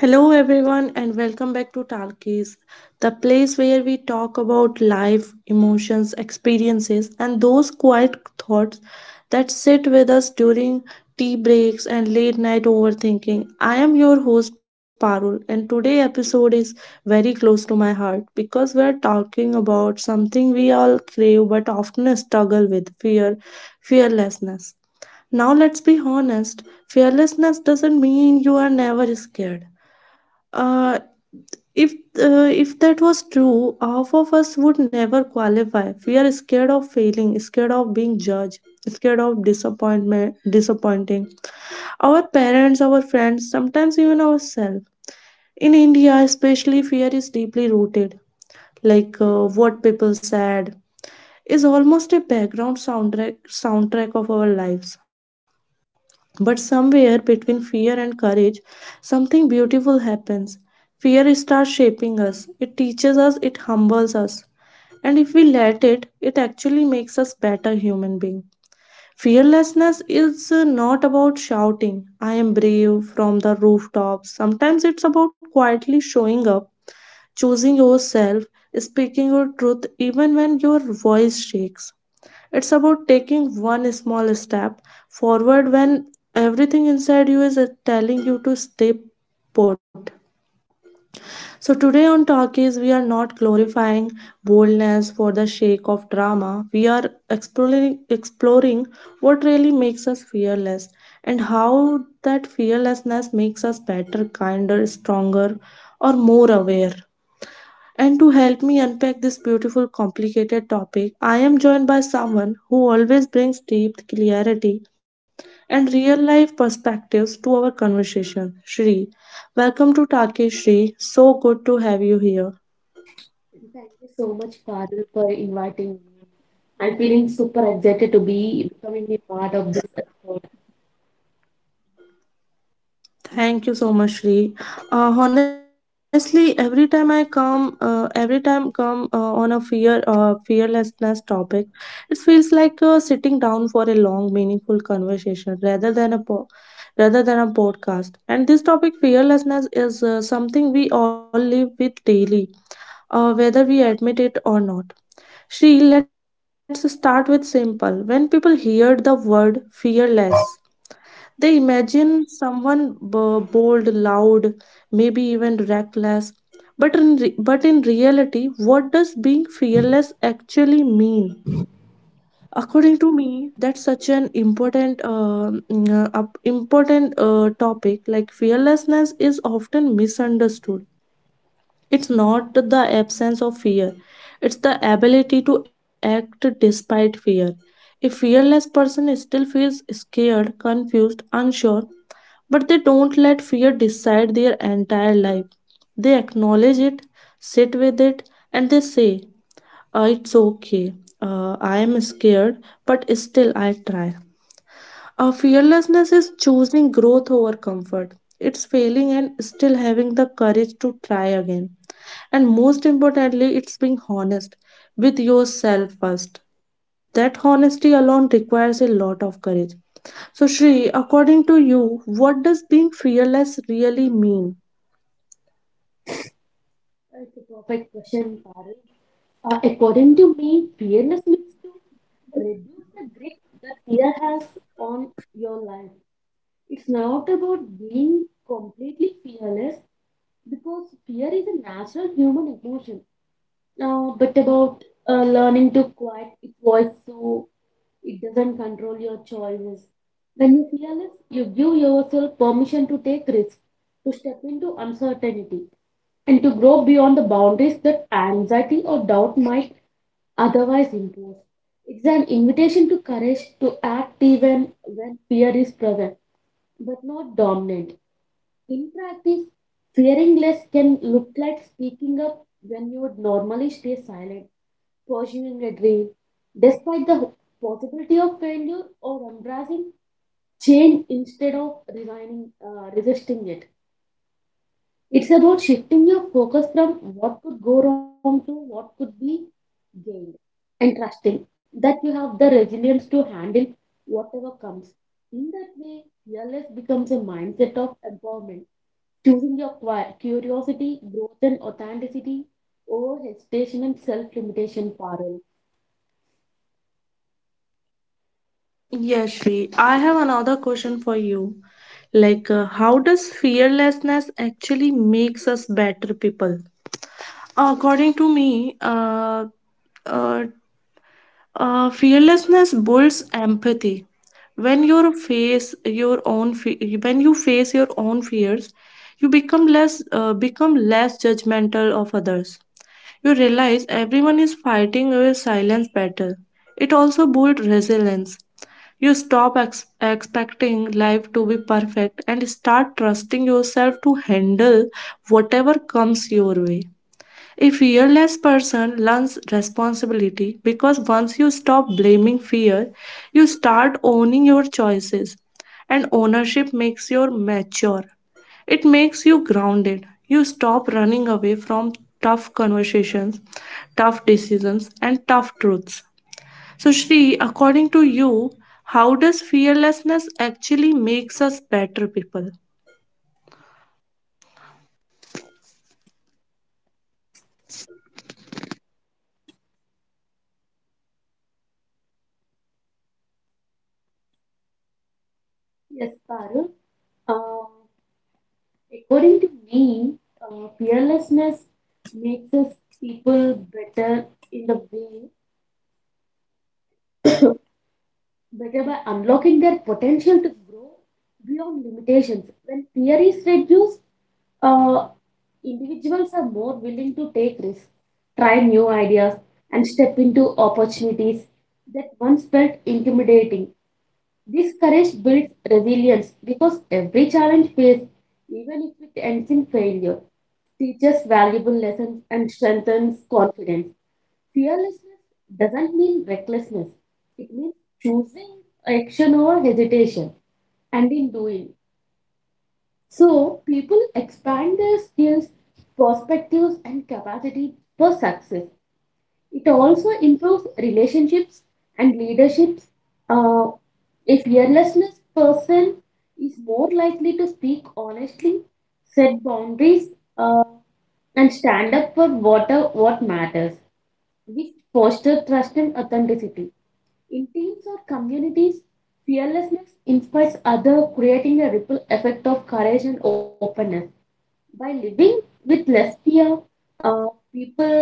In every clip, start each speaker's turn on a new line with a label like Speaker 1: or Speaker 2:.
Speaker 1: Hello, everyone, and welcome back to Talkies, the place where we talk about life, emotions, experiences, and those quiet thoughts that sit with us during tea breaks and late night overthinking. I am your host, Parul, and today's episode is very close to my heart because we're talking about something we all crave but often struggle with fear, fearlessness. Now let's be honest. Fearlessness doesn't mean you are never scared. Uh, if if that was true, half of us would never qualify. We are scared of failing, scared of being judged, scared of disappointment, disappointing our parents, our friends, sometimes even ourselves. In India, especially, fear is deeply rooted. Like, what people said is almost a background soundtrack of our lives. But somewhere between fear and courage, something beautiful happens. Fear starts shaping us, it teaches us, it humbles us. And if we let it, it actually makes us better human being. Fearlessness is not about shouting, I am brave from the rooftops. Sometimes it's about quietly showing up, choosing yourself, speaking your truth even when your voice shakes. It's about taking one small step forward when everything inside you is telling you to stay put. So, today on Talkies, we are not glorifying boldness for the sake of drama. We are exploring what really makes us fearless and how that fearlessness makes us better, kinder, stronger, or more aware. And to help me unpack this beautiful, complicated topic, I am joined by someone who always brings deep clarity and real life perspectives to our conversation, Shri. Welcome to Taki Shri. So good to have you here.
Speaker 2: Thank you so much, Parul, for inviting me. I'm feeling super excited to be becoming a part of this episode.
Speaker 1: Thank you so much, Sri. Honestly, every time I come, every time come on a fear, fearlessness topic, it feels like sitting down for a long, meaningful conversation rather than a rather than a podcast. And this topic, fearlessness, is something we all live with daily, whether we admit it or not. Sri, let's start with simple. When people hear the word fearless, they imagine someone bold, loud, maybe even reckless. But but in reality, what does being fearless actually mean? According to me, that's such an important, important topic. Like fearlessness is often misunderstood. It's not the absence of fear; it's the ability to act despite fear. A fearless person still feels scared, confused, unsure, but they don't let fear decide their entire life. They acknowledge it, sit with it, and they say, "It's okay. I am scared, but still I try. Our fearlessness is choosing growth over comfort. It's failing and still having the courage to try again. And most importantly, it's being honest with yourself first. That honesty alone requires a lot of courage." So, Shri, according to you, what does being fearless really mean?
Speaker 2: It's a perfect question, Parul. According to me, fearless means to reduce the grip that fear has on your life. It's not about being completely fearless because fear is a natural human emotion, but about learning to quiet its voice so it doesn't control your choices. When you fearless, you give yourself permission to take risks, to step into uncertainty, and to grow beyond the boundaries that anxiety or doubt might otherwise impose. It's an invitation to courage to act even when fear is present, but not dominant. In practice, fearing less can look like speaking up when you would normally stay silent, pursuing a dream, despite the possibility of failure or embracing change instead of resigning resisting it. It's about shifting your focus from what could go wrong to what could be gained and trusting that you have the resilience to handle whatever comes. In that way, fearless becomes a mindset of empowerment, choosing your curiosity, growth, and authenticity over hesitation and self-limitation. Parallel.
Speaker 1: Yes, Shri, I have another question for you. Like, how does fearlessness actually makes us better people? According to me, uh, fearlessness builds empathy. When you face your own, when you face your own fears, you become less judgmental of others. You realize everyone is fighting a silent battle. It also builds resilience. You stop expecting life to be perfect and start trusting yourself to handle whatever comes your way. A fearless person learns responsibility because once you stop blaming fear, you start owning your choices. And ownership makes you mature. It makes you grounded. You stop running away from tough conversations, tough decisions, and tough truths. So, Shri, according to you, how does fearlessness actually makes us better people?
Speaker 2: Yes, parallel. According to me, fearlessness makes us people better in the way, better by unlocking their potential to grow beyond limitations. When fear is reduced, uh, individuals are more willing to take risks, try new ideas, and step into opportunities that once felt intimidating. This courage builds resilience because every challenge faced, even if it ends in failure, teaches valuable lessons and strengthens confidence. Fearlessness doesn't mean recklessness, it means choosing action over hesitation and in doing. So, people expand their skills, perspectives, and capacity for success. It also improves relationships and leaderships. Uh, a fearlessness person is more likely to speak honestly, set boundaries, uh, and stand up for what matters, which foster trust and authenticity. In teams or communities, fearlessness inspires others, creating a ripple effect of courage and openness. By living with less fear, uh, people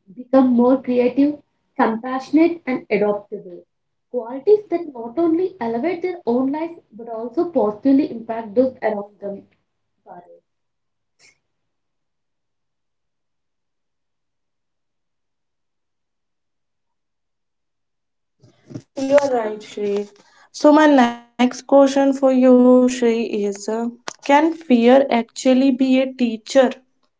Speaker 2: become more creative, compassionate, and adaptable. Qualities that not only elevate their own lives but also positively impact those around them. Parul.
Speaker 1: You are right, Shrey. So, my next question for you, Shrey, is can fear actually be a teacher?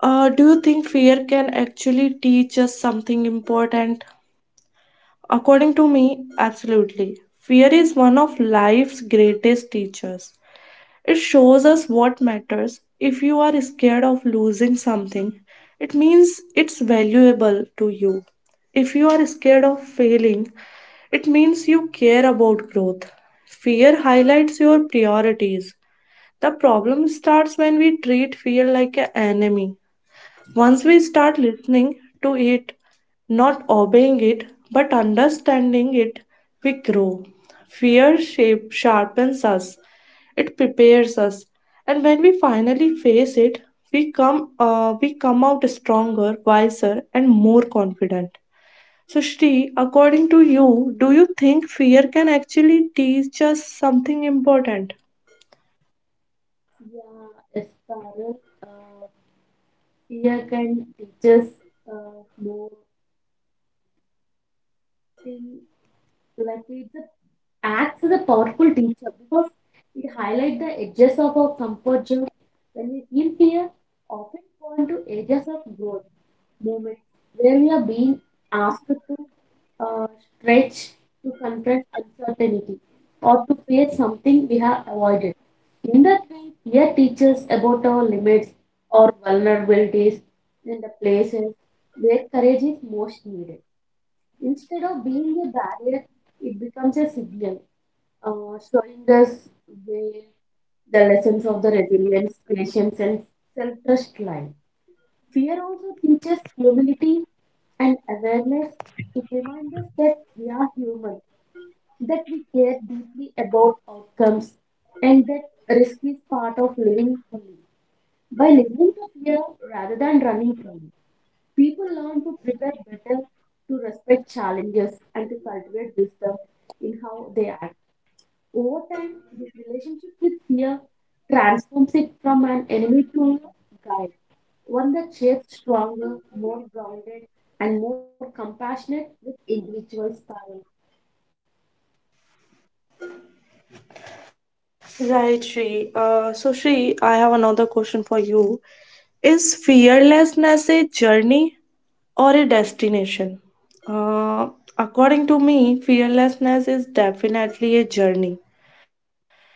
Speaker 1: Do you think fear can actually teach us something important? To me, absolutely. Fear is one of life's greatest teachers. It shows us what matters. If you are scared of losing something, means it's valuable to you. If you are scared of failing, it means you care about growth. Fear highlights your priorities. The problem starts when we treat fear like an enemy. Once we start listening to it, not obeying it, but understanding it, we grow. Fear shape sharpens us, it prepares us, and when we finally face it, we come out stronger, wiser, and more confident. So, Shri, according to you, do you think fear can actually teach us something important?
Speaker 2: Yeah, yes, Parul. Uh, fear can teach us more things. So like it acts as a powerful teacher because it highlights the edges of our comfort zone. When we feel fear, often point to edges of growth. Moment where we are being asked to stretch, to confront uncertainty, or to face something we have avoided. In that way, fear teaches about our limits, our vulnerabilities, and the places where courage is most needed. Instead of being a barrier, it becomes a signal, showing us where the lessons of the resilience, patience, and self trust lie. Fear also teaches humility and awareness. It reminds us that we are human, that we care deeply about outcomes, and that risk is part of living fully. By listening to fear rather than running from it, people learn to prepare better, to respect challenges, and to cultivate wisdom in how they act. Over time, this relationship with fear transforms it from an enemy to a guide, one that shapes stronger, more grounded, and more compassionate with individuals, Parul.
Speaker 1: Right, Shri. So, Shri, I have another question for you. Is fearlessness a journey or a destination? Uh, According to me, fearlessness is definitely a journey.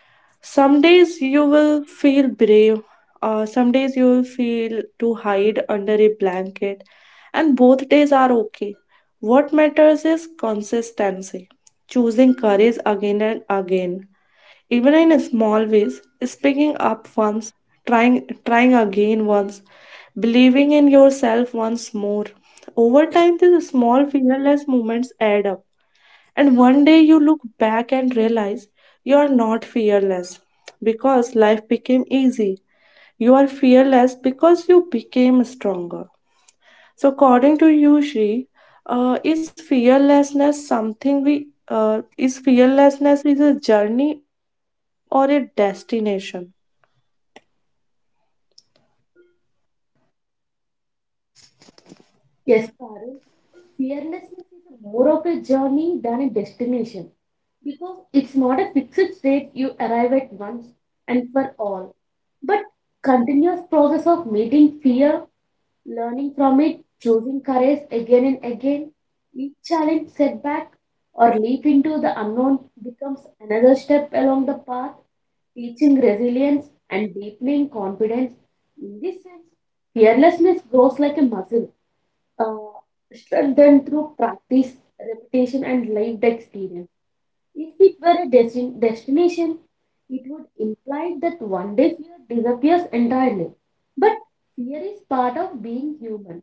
Speaker 1: Some days you will feel brave, some days you will feel to hide under a blanket, and both days are okay. What matters is consistency, choosing courage again and again, even in small ways, speaking up once, trying again once, believing in yourself once more. Over time, these small fearless moments add up and one day you look back and realize you are not fearless because life became easy. You are fearless because you became stronger. So, according to you, Shri, uh, is fearlessness something we is fearlessness is a journey or a destination?
Speaker 2: Yes, Parul, fearlessness is more of a journey than a destination because it's not a fixed state you arrive at once and for all, but continuous process of meeting fear. Learning from it, choosing courage again and again, each challenge, setback, or leap into the unknown becomes another step along the path, teaching resilience and deepening confidence. In this sense, fearlessness grows like a muscle, uh, strengthened through practice, repetition, and lived experience. If it were a destination, it would imply that one day fear disappears entirely. But fear is part of being human.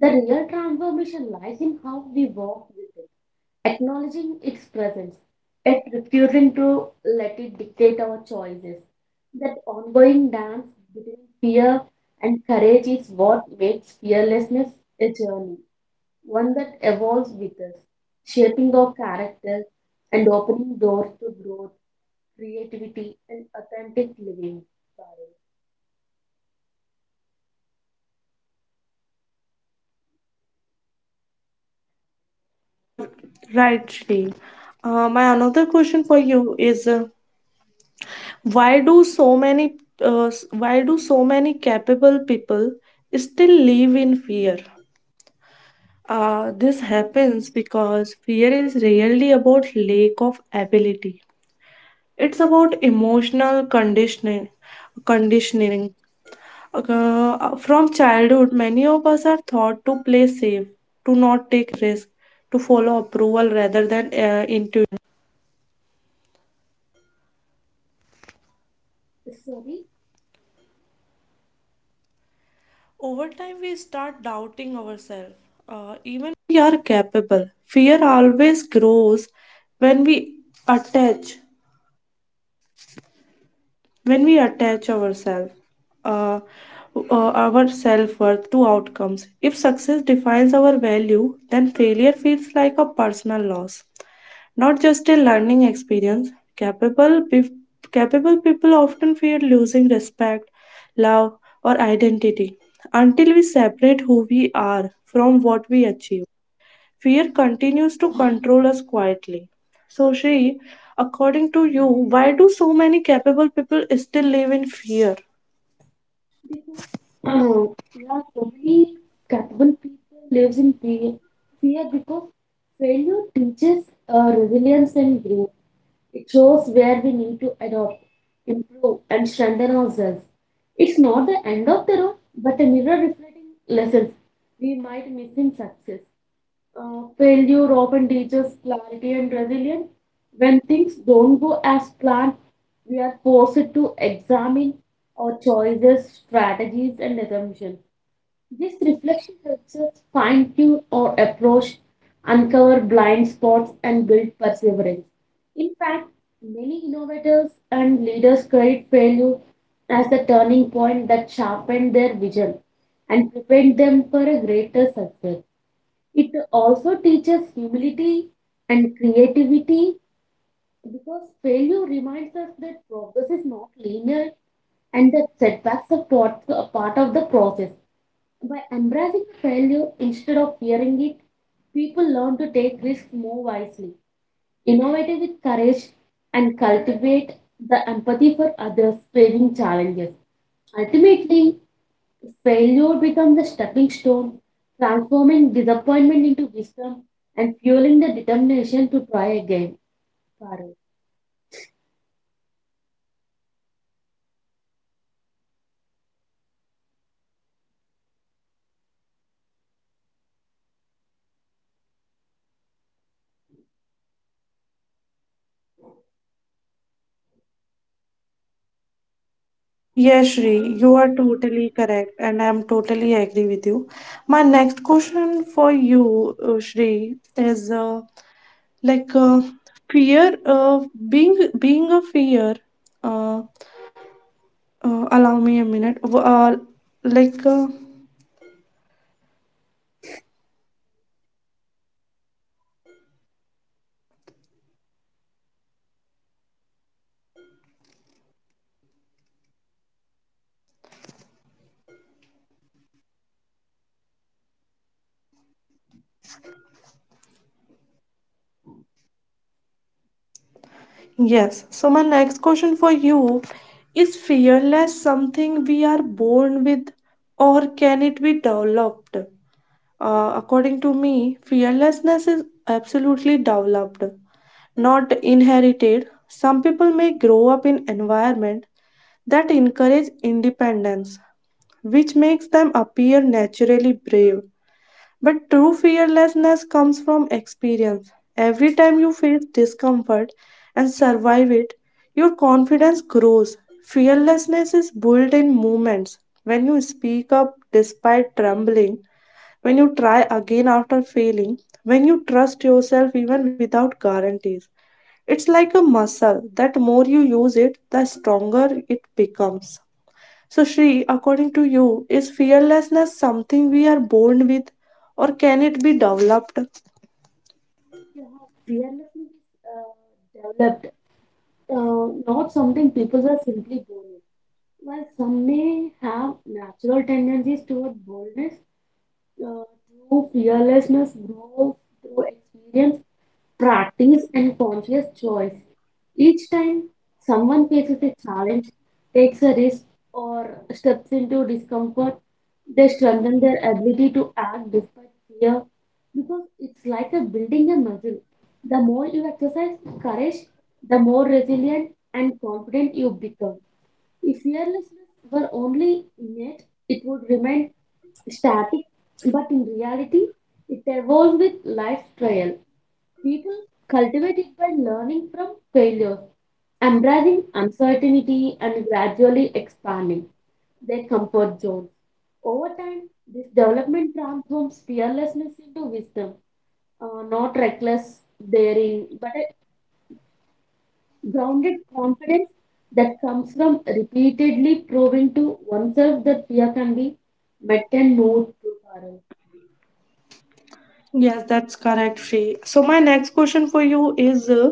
Speaker 2: The real transformation lies in how we walk with it, acknowledging its presence, yet refusing to let it dictate our choices. That ongoing dance between fear and courage is what makes fearlessness a journey, one that evolves with us, shaping our character and opening doors to growth, creativity, and authentic living.
Speaker 1: Or right, Shri. My another question for you is why do so many why do so many capable people still live in fear? This happens because fear is rarely about lack of ability. It's about emotional conditioning. Conditioning. From childhood, many of us are taught to play safe, to not
Speaker 2: Sorry.
Speaker 1: attach when we attach ourselves uh, our self-worth to outcomes. If success defines our value then failure feels like a personal loss, not just a learning experience. capable pe- Capable people often fear losing respect, love, or identity. Until we separate who we are from what we achieve, fear continues to control us quietly. So, Shri, according to you, why do so many capable people still live in fear?
Speaker 2: Because there are so many capable people lives in fear, because failure teaches resilience and growth. It shows where we need to adopt, improve, and strengthen ourselves. It's not the end of the road, but a mirror reflecting lessons we might miss in success. Failure often teaches clarity and resilience. When things don't go as planned, we are forced to examine our choices, strategies, and assumptions. This reflection helps us fine tune our approach, uncover blind spots, and build perseverance. In fact, many innovators and leaders credit failure as the turning point that sharpened their vision and prepared them for a greater success. It also teaches humility and creativity because failure reminds us that progress is not linear and that setbacks are a part of the process. By embracing failure instead of fearing it, people learn to take risks more wisely, innovate with courage, and cultivate the empathy for others facing challenges. Ultimately, failure becomes a stepping stone, transforming disappointment into wisdom and fueling the determination to try again. Parul.
Speaker 1: Yes, Shri,
Speaker 2: Parul,
Speaker 1: you are totally correct, and I am totally agree with you. My next question for you, Shri, is like uh, fear of being a fear. Uh, Allow me a minute. Like uh, yes. So my next question for you is fearless something we are born with, or can it be developed? According to me, fearlessness is absolutely developed, not inherited. Some people may grow up in environment that encourage independence, which makes them appear naturally brave. But true fearlessness comes from experience. Every time you face discomfort and survive it, your confidence grows. Fearlessness is built in moments when you speak up despite trembling, when you try again after failing, when you trust yourself even without guarantees. It's like a muscle that more you use it, the stronger it becomes. So, Shri, according to you, is fearlessness something we are born with or can it be developed?
Speaker 2: you have fearlessness developed, not something people are simply born with. While some may have natural tendencies toward boldness, uh, true fearlessness grows through experience, practice, and conscious choice. Each time someone faces a challenge, takes a risk, or steps into discomfort, they strengthen their ability to act despite fear because it's like a building a muscle. The more you exercise courage, the more resilient and confident you become. If fearlessness were only innate, it would remain static, but in reality, it evolves with life's trial. People cultivate it by learning from failure embracing uncertainty and gradually expanding their comfort zones. Over time, this development transforms fearlessness into wisdom, not reckless daring, but a grounded confidence that comes from repeatedly proving to oneself that fear can be met and moved through Carol.
Speaker 1: Yes, that's correct, Shri. So, my next question for you is,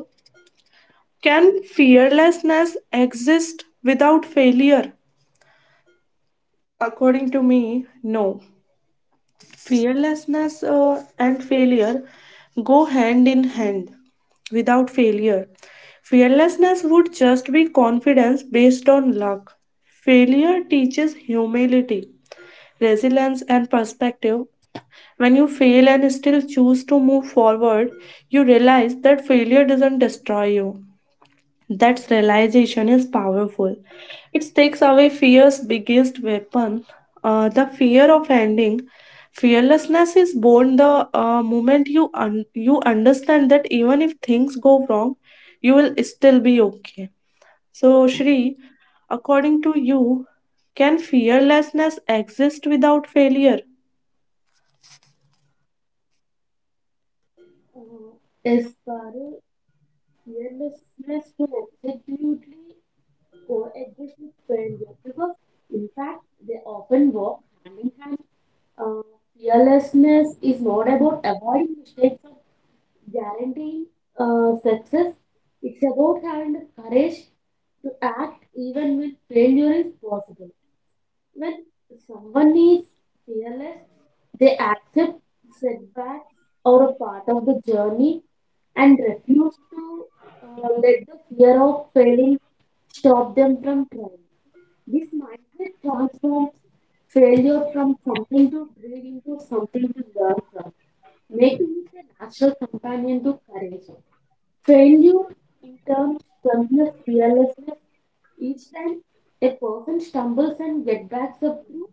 Speaker 1: can fearlessness exist without failure? According to me, no. Fearlessness and failure go hand in hand. Without failure, fearlessness would just be confidence based on luck. Failure teaches humility, resilience, and perspective. When you fail and still choose to move forward, you realize that failure doesn't destroy you. That realization is powerful. It takes away fear's biggest weapon, the fear of ending. Fearlessness is born the moment you understand that even if things go wrong, you will still be okay. So, Shri, according to you, can fearlessness exist without failure?
Speaker 2: Is Carol fearlessness to executely coexist with failure because, in fact, they often walk hand in hand. Uh, fearlessness is not about avoiding mistakes or guaranteeing success, it's about having the courage to act even when failure is possible. When someone is fearless, they accept setbacks or a part of the journey and refuse to let the fear of failing stop them from trying. This mindset transforms failure from something to greed into something to learn from, making it a natural companion to courage. Failure in terms of fearlessness each time a person stumbles and get backs up through,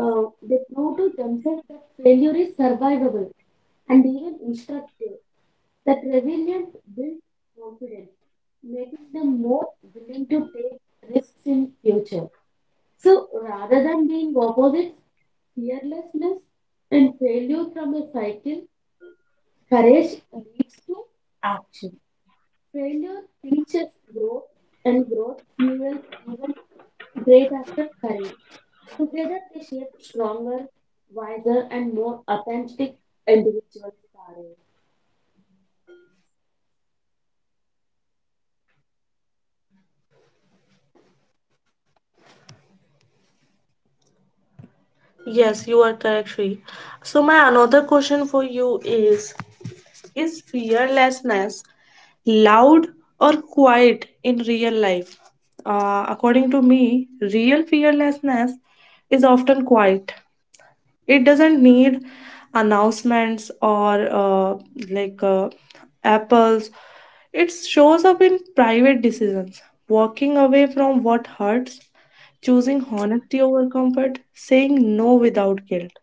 Speaker 2: they prove to themselves that failure is survivable and even instructive. That resilience builds confidence, making them more willing to take risks in future. So rather than being opposites, fearlessness and failure from a cycle, courage leads to action. Failure teaches growth, and growth fuels even greater courage. Together, they shape stronger, wiser, and more authentic individuals. Parul.
Speaker 1: Yes, you are correct, Shri. So my another question for you is: is fearlessness loud or quiet in real life? According to me, real fearlessness is often quiet. It doesn't need announcements or like uh, apples. It shows up in private decisions, walking away from what hurts, choosing honesty over comfort, saying no without guilt.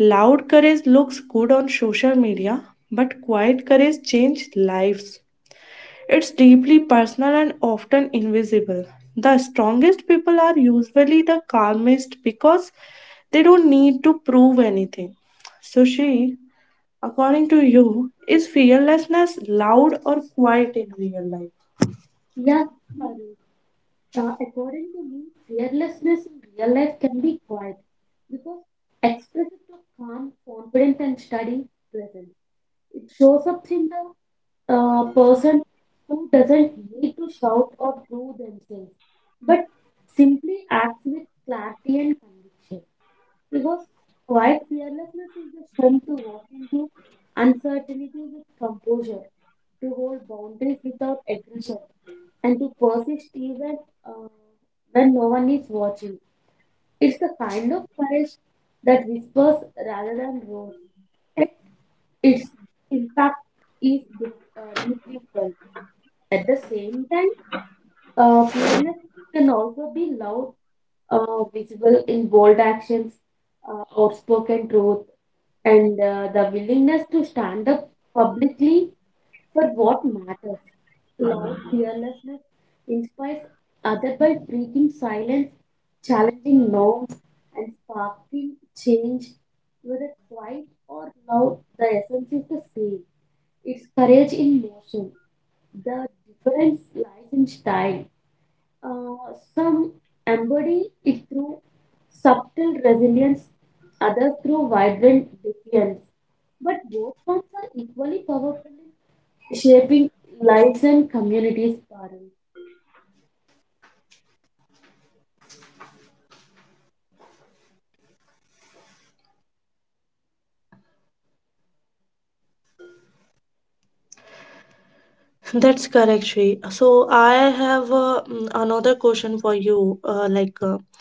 Speaker 1: Loud courage looks good on social media, but quiet courage changes lives. It's deeply personal and often invisible. The strongest people are usually the calmest because they don't need to prove anything. So, she, according to you, is fearlessness loud or quiet in real life?
Speaker 2: Yeah, Parul. According to me, fearlessness in real life can be quiet because expressive of calm, confidence, and steady presence. It shows up in the a person who doesn't need to shout or prove themselves, but simply acts with clarity and conviction. Because quiet fearlessness is the strength to walk into uncertainty with composure, to hold boundaries without aggression, and to persist even uh, when no one is watching. It's the kind of courage that whispers rather than roars. Yet its impact is deeply felt. At the same time, fairness can also be loud, visible in bold actions, outspoken truth, and the willingness to stand up publicly for what matters. Loud fearlessness inspires others by breaking silence, challenging norms, and sparking change. Whether quiet or loud, the essence is the same. It's courage in motion. The difference lies in style. Uh, some embody it through subtle resilience, others through vibrant defiance. But both forms are equally powerful in shaping lives and communities, Parul.
Speaker 1: That's correct, Shri. So I have another question for you.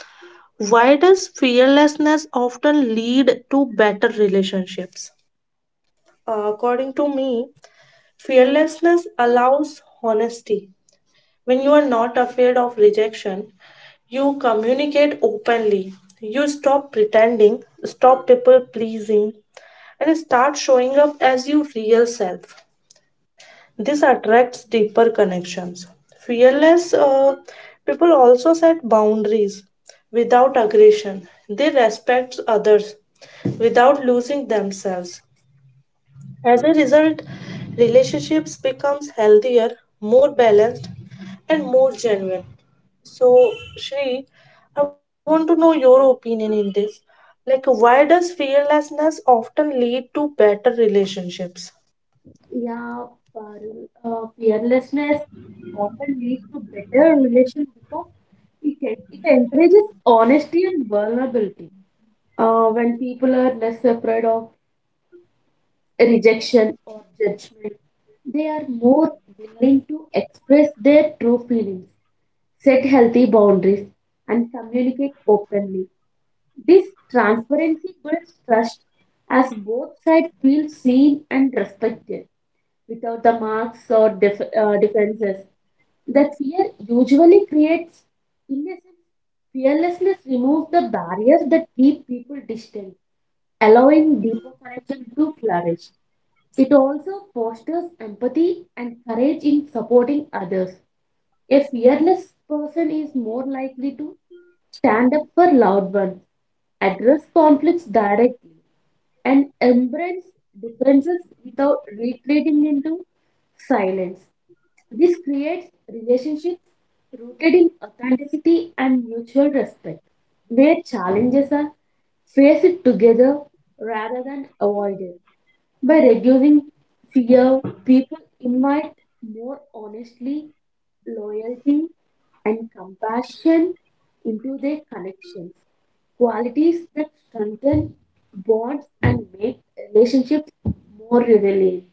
Speaker 1: Why does fearlessness often lead to better relationships? According to me, fearlessness allows honesty. When you are not afraid of rejection, you openly. You stop pretending, stop people pleasing, and start showing up as your real self. This attracts deeper connections. Fearless people also set boundaries without aggression, they respect others without losing themselves. As a result, relationships becomes healthier, more balanced, and more genuine. So, Shri, I want to know your opinion in this. Like, why does fearlessness often lead to better relationships?
Speaker 2: Yeah, Parul. Fearlessness often leads to better relations because it encourages honesty and vulnerability. When people are less afraid of rejection or judgment. They are more willing to express their true feelings, set healthy boundaries, and communicate openly. This transparency builds trust as both sides feel seen and respected without the marks or defenses. That fear usually creates innocence. Fearlessness removes the barriers that keep people distant, allowing deeper connection to flourish. It also fosters empathy and courage in supporting others. A fearless person is more likely to stand up for loud ones, address conflicts directly, and embrace differences without retreating into silence. This creates relationships rooted in authenticity and mutual respect, where challenges are faced together rather than avoided. By reducing fear, people invite more honesty, loyalty, and compassion into their connections, qualities that strengthen bonds and make relationships more resilient.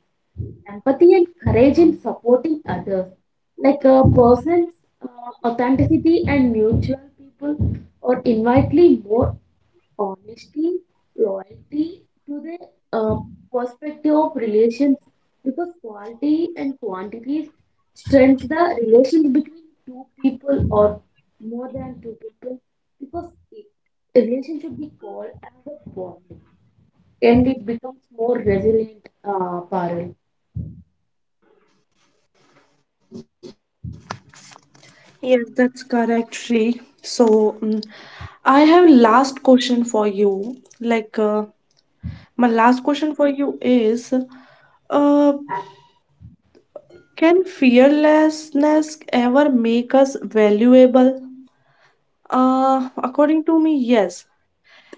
Speaker 2: Empathy and courage in supporting others, like a person's uh, authenticity and mutual people, or infinitely more honesty, loyalty to the uh, perspective of relations because quality and quantity strengthens the relations between two people or more than two people because a relation should be called as a bond and it becomes more resilient, Parul.
Speaker 1: Yes, that's correct, Shri. So, I have last question for you. Like, my last question for you is, uh, can fearlessness ever make us valuable? According to me, yes.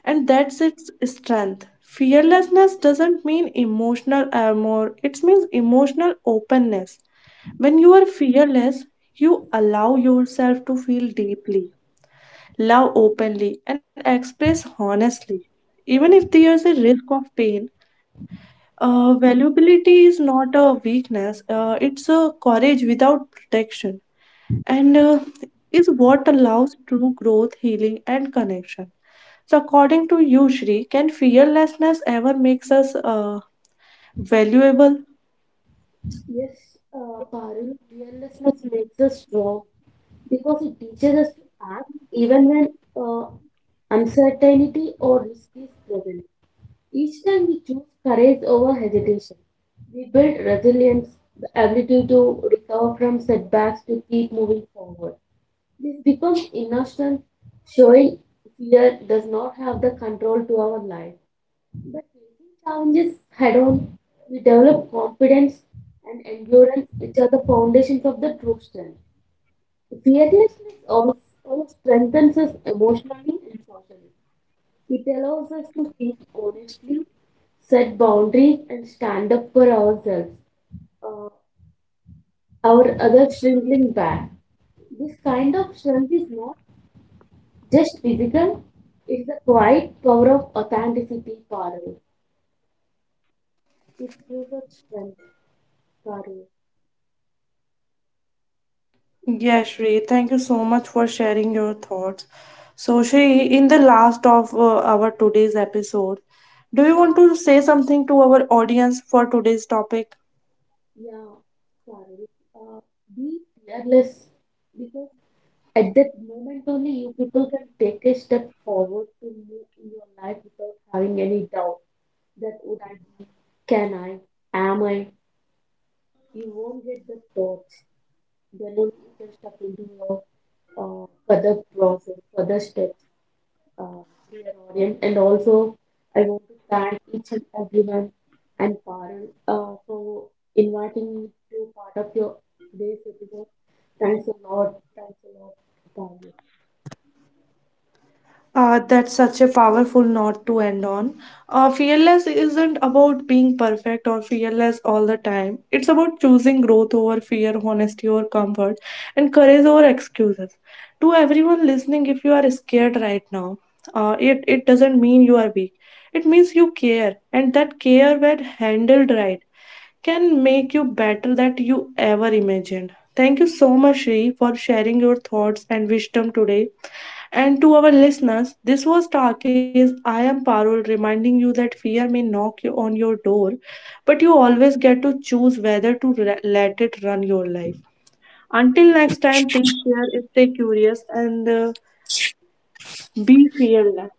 Speaker 1: And that's its strength. Fearlessness doesn't mean emotional armor, it means emotional openness. When you are fearless, you allow yourself to feel deeply, love openly, and express honestly. Even if there is a risk of pain, valuability is not a weakness, it's a courage without protection and is what allows true growth, healing, and connection. So, according to you, Shri, can fearlessness ever makes us valuable?
Speaker 2: Yes, Parul, fearlessness makes us strong because it teaches us to act even when uh, uncertainty or risk is present. Each time we choose courage over hesitation, we build resilience, the ability to recover from setbacks to keep moving forward. This becomes inner strength, showing fear does not have the control to our life. But facing challenges head on, we develop confidence and endurance, which are the foundations of the true strength. Fearlessness also strengthens us emotionally and socially. It allows us to speak honestly, set boundaries, and stand up for ourselves, uh, our other shrinking back. This kind of strength is not just physical, it's the quiet power of authenticity, Parul. It's gives strength, Parul.
Speaker 1: Yes, Shri. Thank you so much for sharing your thoughts. So, Shri, in the last of our today's episode, do you want to say something to our audience for today's topic?
Speaker 2: Yeah, Parul. Uh, be fearless because at that moment only you people can take a step forward to move in your life without having any doubt. That would I be? Can I? Am I? You won't get the thoughts. Then only you can step into your further process, further steps, uh, dear audience. And also, I want to thank each and everyone and Parul for inviting me to part of your today's episode. Thanks a lot. Thanks a lot, Parul.
Speaker 1: That's such a powerful note to end on. Fearless isn't about being perfect or fearless all the time. It's about choosing growth over fear, honesty over comfort, and courage over excuses. To everyone listening, if you are scared right now, it doesn't mean you are weak. It means you care, and that care, when handled right, can make you better than you ever imagined. Thank you so much, Shri, for sharing your thoughts and wisdom today. And to our listeners, this was Talkies. I am Parul reminding you that fear may knock you on your door, but you always get to choose whether to let it run your life. Until next time, take care, stay curious, and be fearless.